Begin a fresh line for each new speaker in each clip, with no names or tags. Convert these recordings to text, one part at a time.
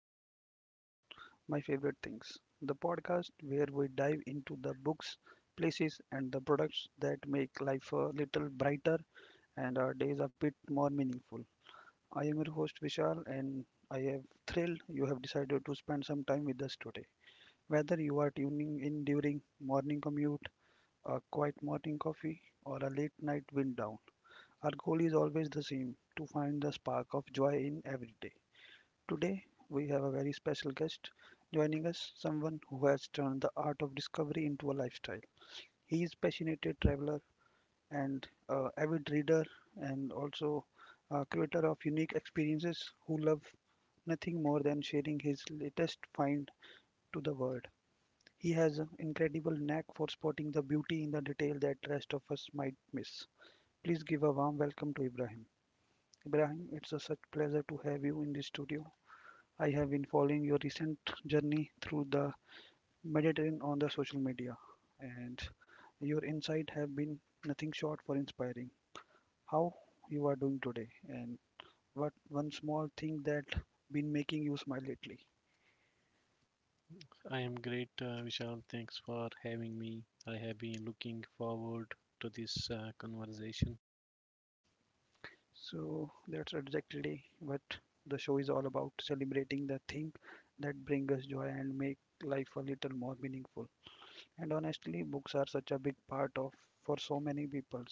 podcast, My Favorite Things, the podcast where we dive into the books, places, and the products that make life a little brighter and our days a bit more meaningful. I am your host Vishal, and I am thrilled you have decided to spend some time with us today. Whether you are tuning in during morning commute, a quiet morning coffee, or a late night wind down, our goal is always the same to find the spark of joy in every day. Today, we have a very special guest joining us, someone who has turned the art of discovery into a lifestyle. He is passionate traveler and avid reader and also a creator of unique experiences who love nothing more than sharing his latest find to the world. He has an incredible knack for spotting the beauty in the detail that rest of us might miss. Please give a warm welcome to Ibrahim. Ibrahim, it's a such pleasure to have you in the studio. I have been following your recent journey through the Mediterranean on the social media, and your insight have been nothing short for inspiring. How you are doing today, and what one small thing that been making you smile lately.
I am great, Vishal. Thanks for having me. I have been looking forward to this conversation.
So that's exactly what the show is all about: celebrating the thing that bring us joy and make life a little more meaningful. And honestly, books are such a big part of for so many people.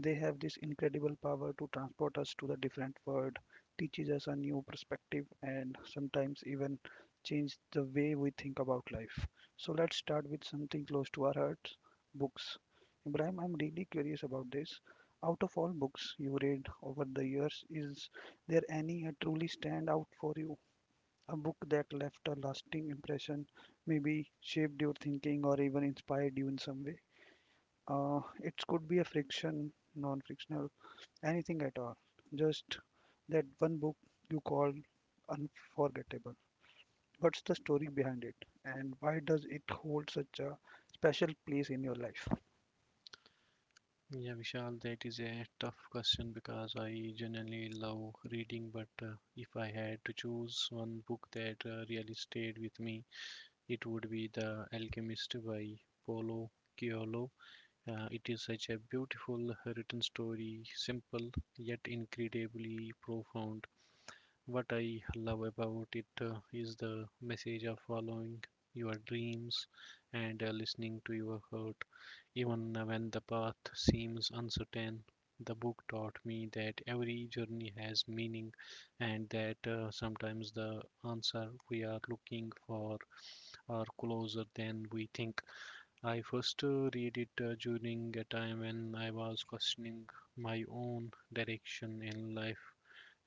They have this incredible power to transport us to the different world, teaches us a new perspective, and sometimes even change the way we think about life. So let's start with something close to our hearts, books. Ibrahim, I'm really curious about this. Out of all books you read over the years, is there any that truly stand out for you? A book that left a lasting impression, maybe shaped your thinking or even inspired you in some way? It could be a fiction, non fictional anything at all. Just that one book you call unforgettable. What's the story behind it, and why does it hold such a special place in your life?
Yeah, Vishal, that is a tough question because I generally love reading, but if I had to choose one book that really stayed with me, it would be The Alchemist by Paulo Coelho. It is such a beautiful written story, simple yet incredibly profound. What I love about it is the message of following your dreams and listening to your heart, even when the path seems uncertain. The book taught me that every journey has meaning and that sometimes the answer we are looking for are closer than we think. I first read it during a time when I was questioning my own direction in life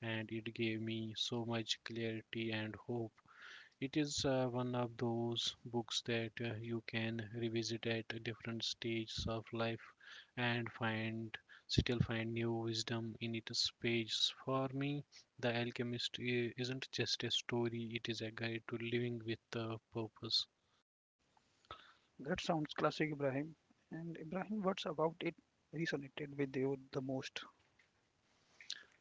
and it gave me so much clarity and hope. It is one of those books that you can revisit at different stages of life and find still find new wisdom in its pages. For me, The Alchemist isn't just a story, it is a guide to living with a purpose.
That sounds classic, Ibrahim. And Ibrahim, what's about it resonated with you the most?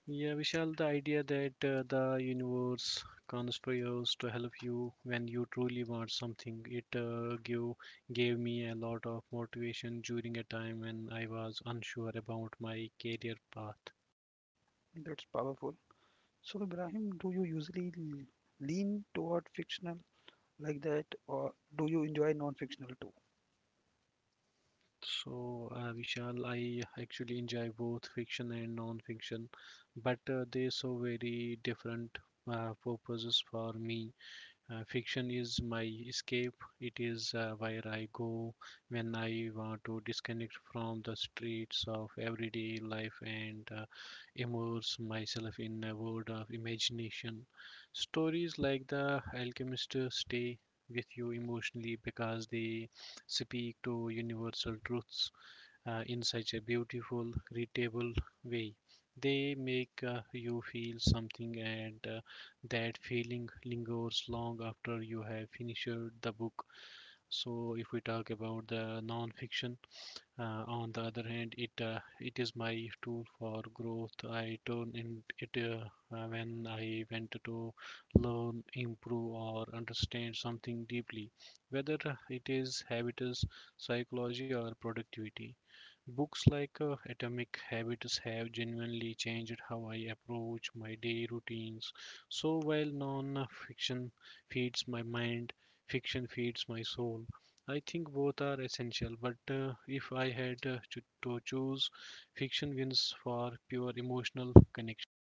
Yeah, Vishal, the idea that the universe conspires to help you when you truly want something, it gave me a lot of motivation during a time when I was unsure about my career path.
That's powerful. So, Ibrahim, do you usually lean toward fictional like that, or do you enjoy non-fictional too?
So, Vishal, I actually enjoy both fiction and non-fiction, but they so very different purposes for me. Fiction is my escape. It is where I go when I want to disconnect from the streets of everyday life and immerse myself in a world of imagination. Stories like The Alchemist stay with you emotionally because they speak to universal truths in such a beautiful, readable way. They make you feel something, and that feeling lingers long after you have finished the book. So, if we talk about the non fiction, on the other hand, it is my tool for growth. I turn in it when I want to learn, improve, or understand something deeply, whether it is habits, psychology, or productivity. Books like Atomic Habits have genuinely changed how I approach my day routines. So while non-fiction feeds my mind, fiction feeds my soul. I think both are essential, but if I had to choose, fiction wins for pure emotional connection.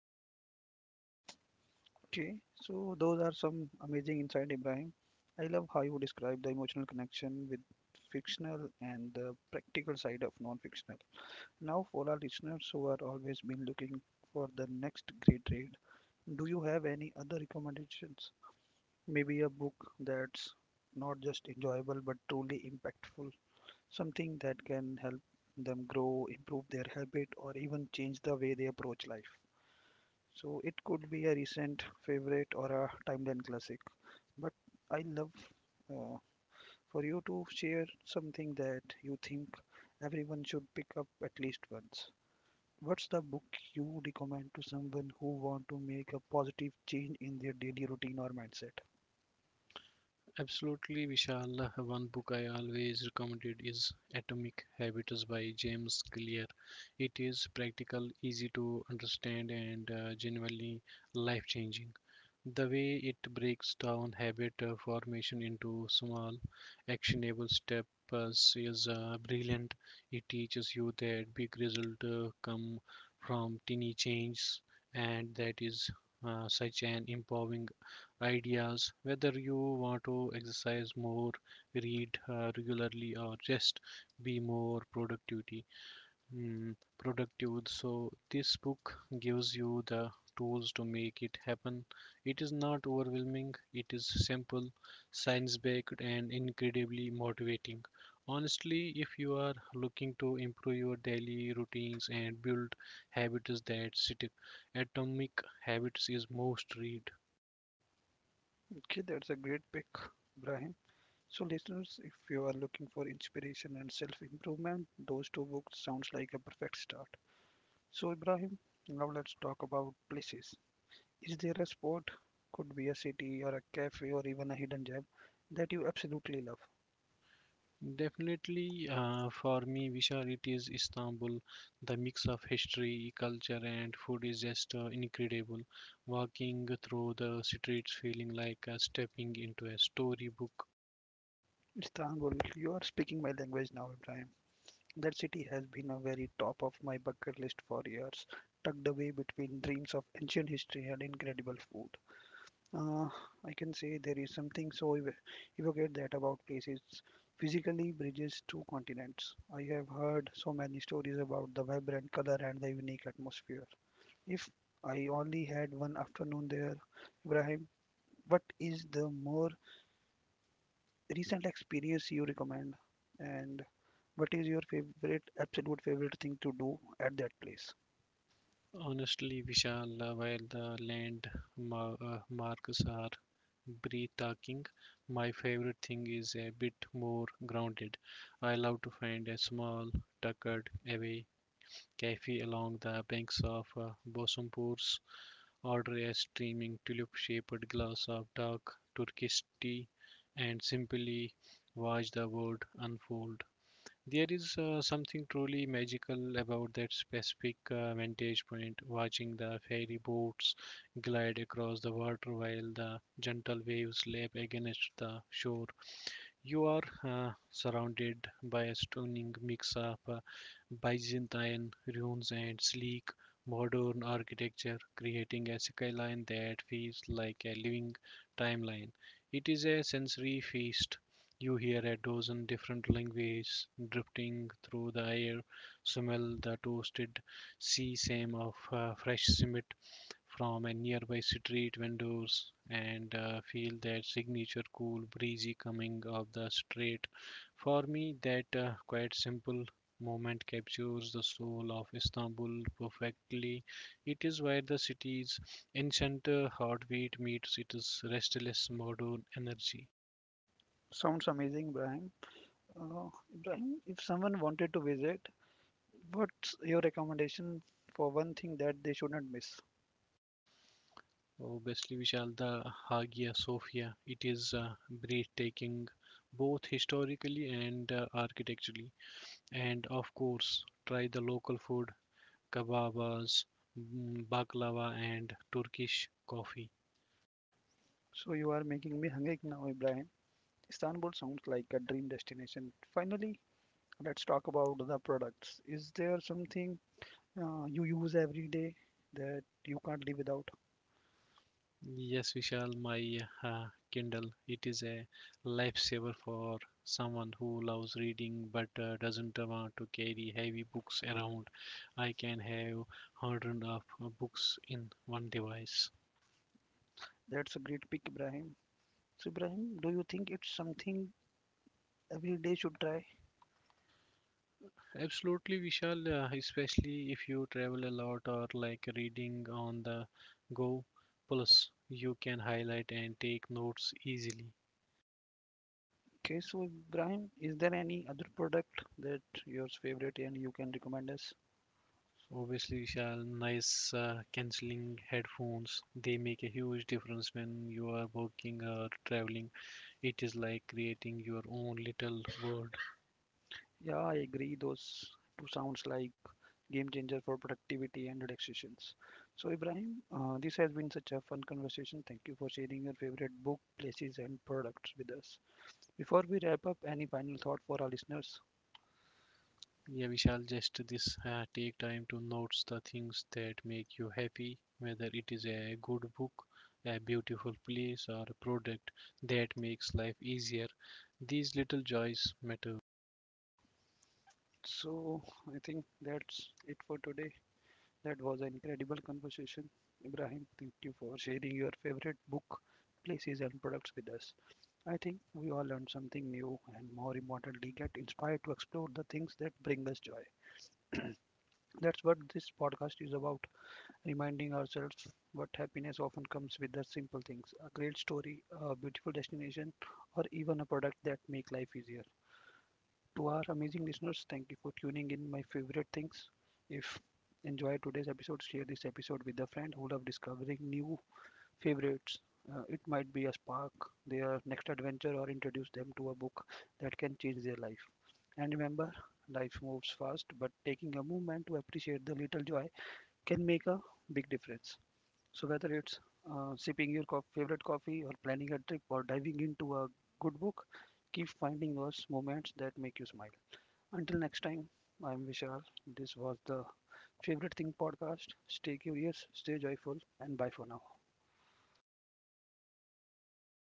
Okay, so those are some amazing insight, Ibrahim. I love how you describe the emotional connection with fictional and the practical side of non-fictional. Now, for our listeners who are always been looking for the next great read, do you have any other recommendations? Maybe a book that's not just enjoyable but truly impactful, something that can help them grow, improve their habit, or even change the way they approach life. So it could be a recent favorite or a timeline classic. But I love uh, for you to share something that you think everyone should pick up at least once. What's the book you recommend to someone who want to make a positive change in their daily routine or mindset?
Absolutely, Vishal. One book I always recommended is Atomic Habits by James Clear. It is practical, easy to understand, and genuinely life changing. The way it breaks down habit formation into small, actionable steps is brilliant. It teaches you that big results come from tiny changes, and that is such an empowering ideas. Whether you want to exercise more, read regularly, or just be more productivity, productive. So this book gives you the tools to make it happen. It is not overwhelming. It is simple, science-backed, and incredibly motivating. Honestly, if you are looking to improve your daily routines and build habits that stick, Atomic Habits is must read.
Okay, that's a great pick, Brahim. So listeners, if you are looking for inspiration and self-improvement, those two books sounds like a perfect start. So Ibrahim, now let's talk about places. Is there a spot, could be a city or a cafe or even a hidden gem, that you absolutely love?
Definitely, for me, Vishal, it is Istanbul. The mix of history, culture, and food is just incredible. Walking through the streets, feeling like stepping into a storybook.
Istanbul, you are speaking my language now, Ibrahim. That city has been a very top of my bucket list for years, tucked away between dreams of ancient history and incredible food. Uh, I can say there is something so evocative that about places physically bridges two continents. I have heard so many stories about the vibrant color and the unique atmosphere. If I only had one afternoon there, Ibrahim, what is the more recent experience you recommend? And what is your favorite, absolute favorite thing to do at that place?
Honestly, Vishal, while the landmarks are breathtaking, my favorite thing is a bit more grounded. I love to find a small, tucked away cafe along the banks of Bosporus. Order a streaming tulip-shaped glass of dark Turkish tea and simply watch the world unfold. There is something truly magical about that specific vantage point, watching the ferry boats glide across the water while the gentle waves lap against the shore. You are surrounded by a stunning mix of Byzantine ruins and sleek modern architecture, creating a skyline that feels like a living timeline. It is a sensory feast. You hear a dozen different languages drifting through the air, smell the toasted sea same of fresh cement from a nearby street vendors and feel that signature cool breezy coming of the street. For me, that quite simple moment captures the soul of Istanbul perfectly. It is where the city's ancient heartbeat meets its restless modern energy.
Sounds amazing, Ibrahim. Uh, Ibrahim, if someone wanted to visit, what's your recommendation for one thing that they shouldn't miss?
Obviously, Vishal, the Hagia Sophia, it is breathtaking both historically and architecturally. And of course, try the local food, kebabs, baklava, and Turkish coffee.
So you are making me hungry now, Ibrahim. Istanbul sounds like a dream destination. Finally, let's talk about the products. Is there something you use every day that you can't live without.
Yes, Vishal, my Kindle. It is a lifesaver for someone who loves reading but doesn't want to carry heavy books around. I can have hundreds of books in one device.
That's a great pick, Ibrahim. So, Ibrahim, do you think it's something every day should try?
Absolutely, Vishal, especially if you travel a lot or like reading on the go. Plus, you can highlight and take notes easily.
Okay, so Ibrahim, is there any other product that yours favorite and you can recommend us?
Obviously, Vishal, nice canceling headphones. They make a huge difference when you are working or traveling. It is like creating your own little world.
Yeah, I agree. Those two sounds like game changer for productivity and relaxations. So, Ibrahim, this has been such a fun conversation. Thank you for sharing your favorite book, places, and products with us. Before we wrap up, any final thought for our listeners?
Yeah, we shall just this take time to notice the things that make you happy, whether it is a good book, a beautiful place, or a product that makes life easier. These little joys matter
So I think that's it for today. That was an incredible conversation. Ibrahim, thank you for sharing your favorite book, places, and products with us. I think we all learned something new and more importantly, get inspired to explore the things that bring us joy. That's what this podcast is about reminding ourselves what happiness often comes with the simple things a great story, a beautiful destination, or even a product that make life easier to our amazing listeners. Thank you for tuning in my favorite things. If enjoy today's episode, share this episode with a friend who love discovering new favorites. It might be a spark their next adventure or introduce them to a book that can change their life. And remember, life moves fast, but taking a moment to appreciate the little joy can make a big difference. So whether it's sipping your favorite coffee or planning a trip or diving into a good book, keep finding those moments that make you smile. Until next time, I'm Vishal. This was the Favorite Thing podcast. Stay curious, stay joyful, and bye for now.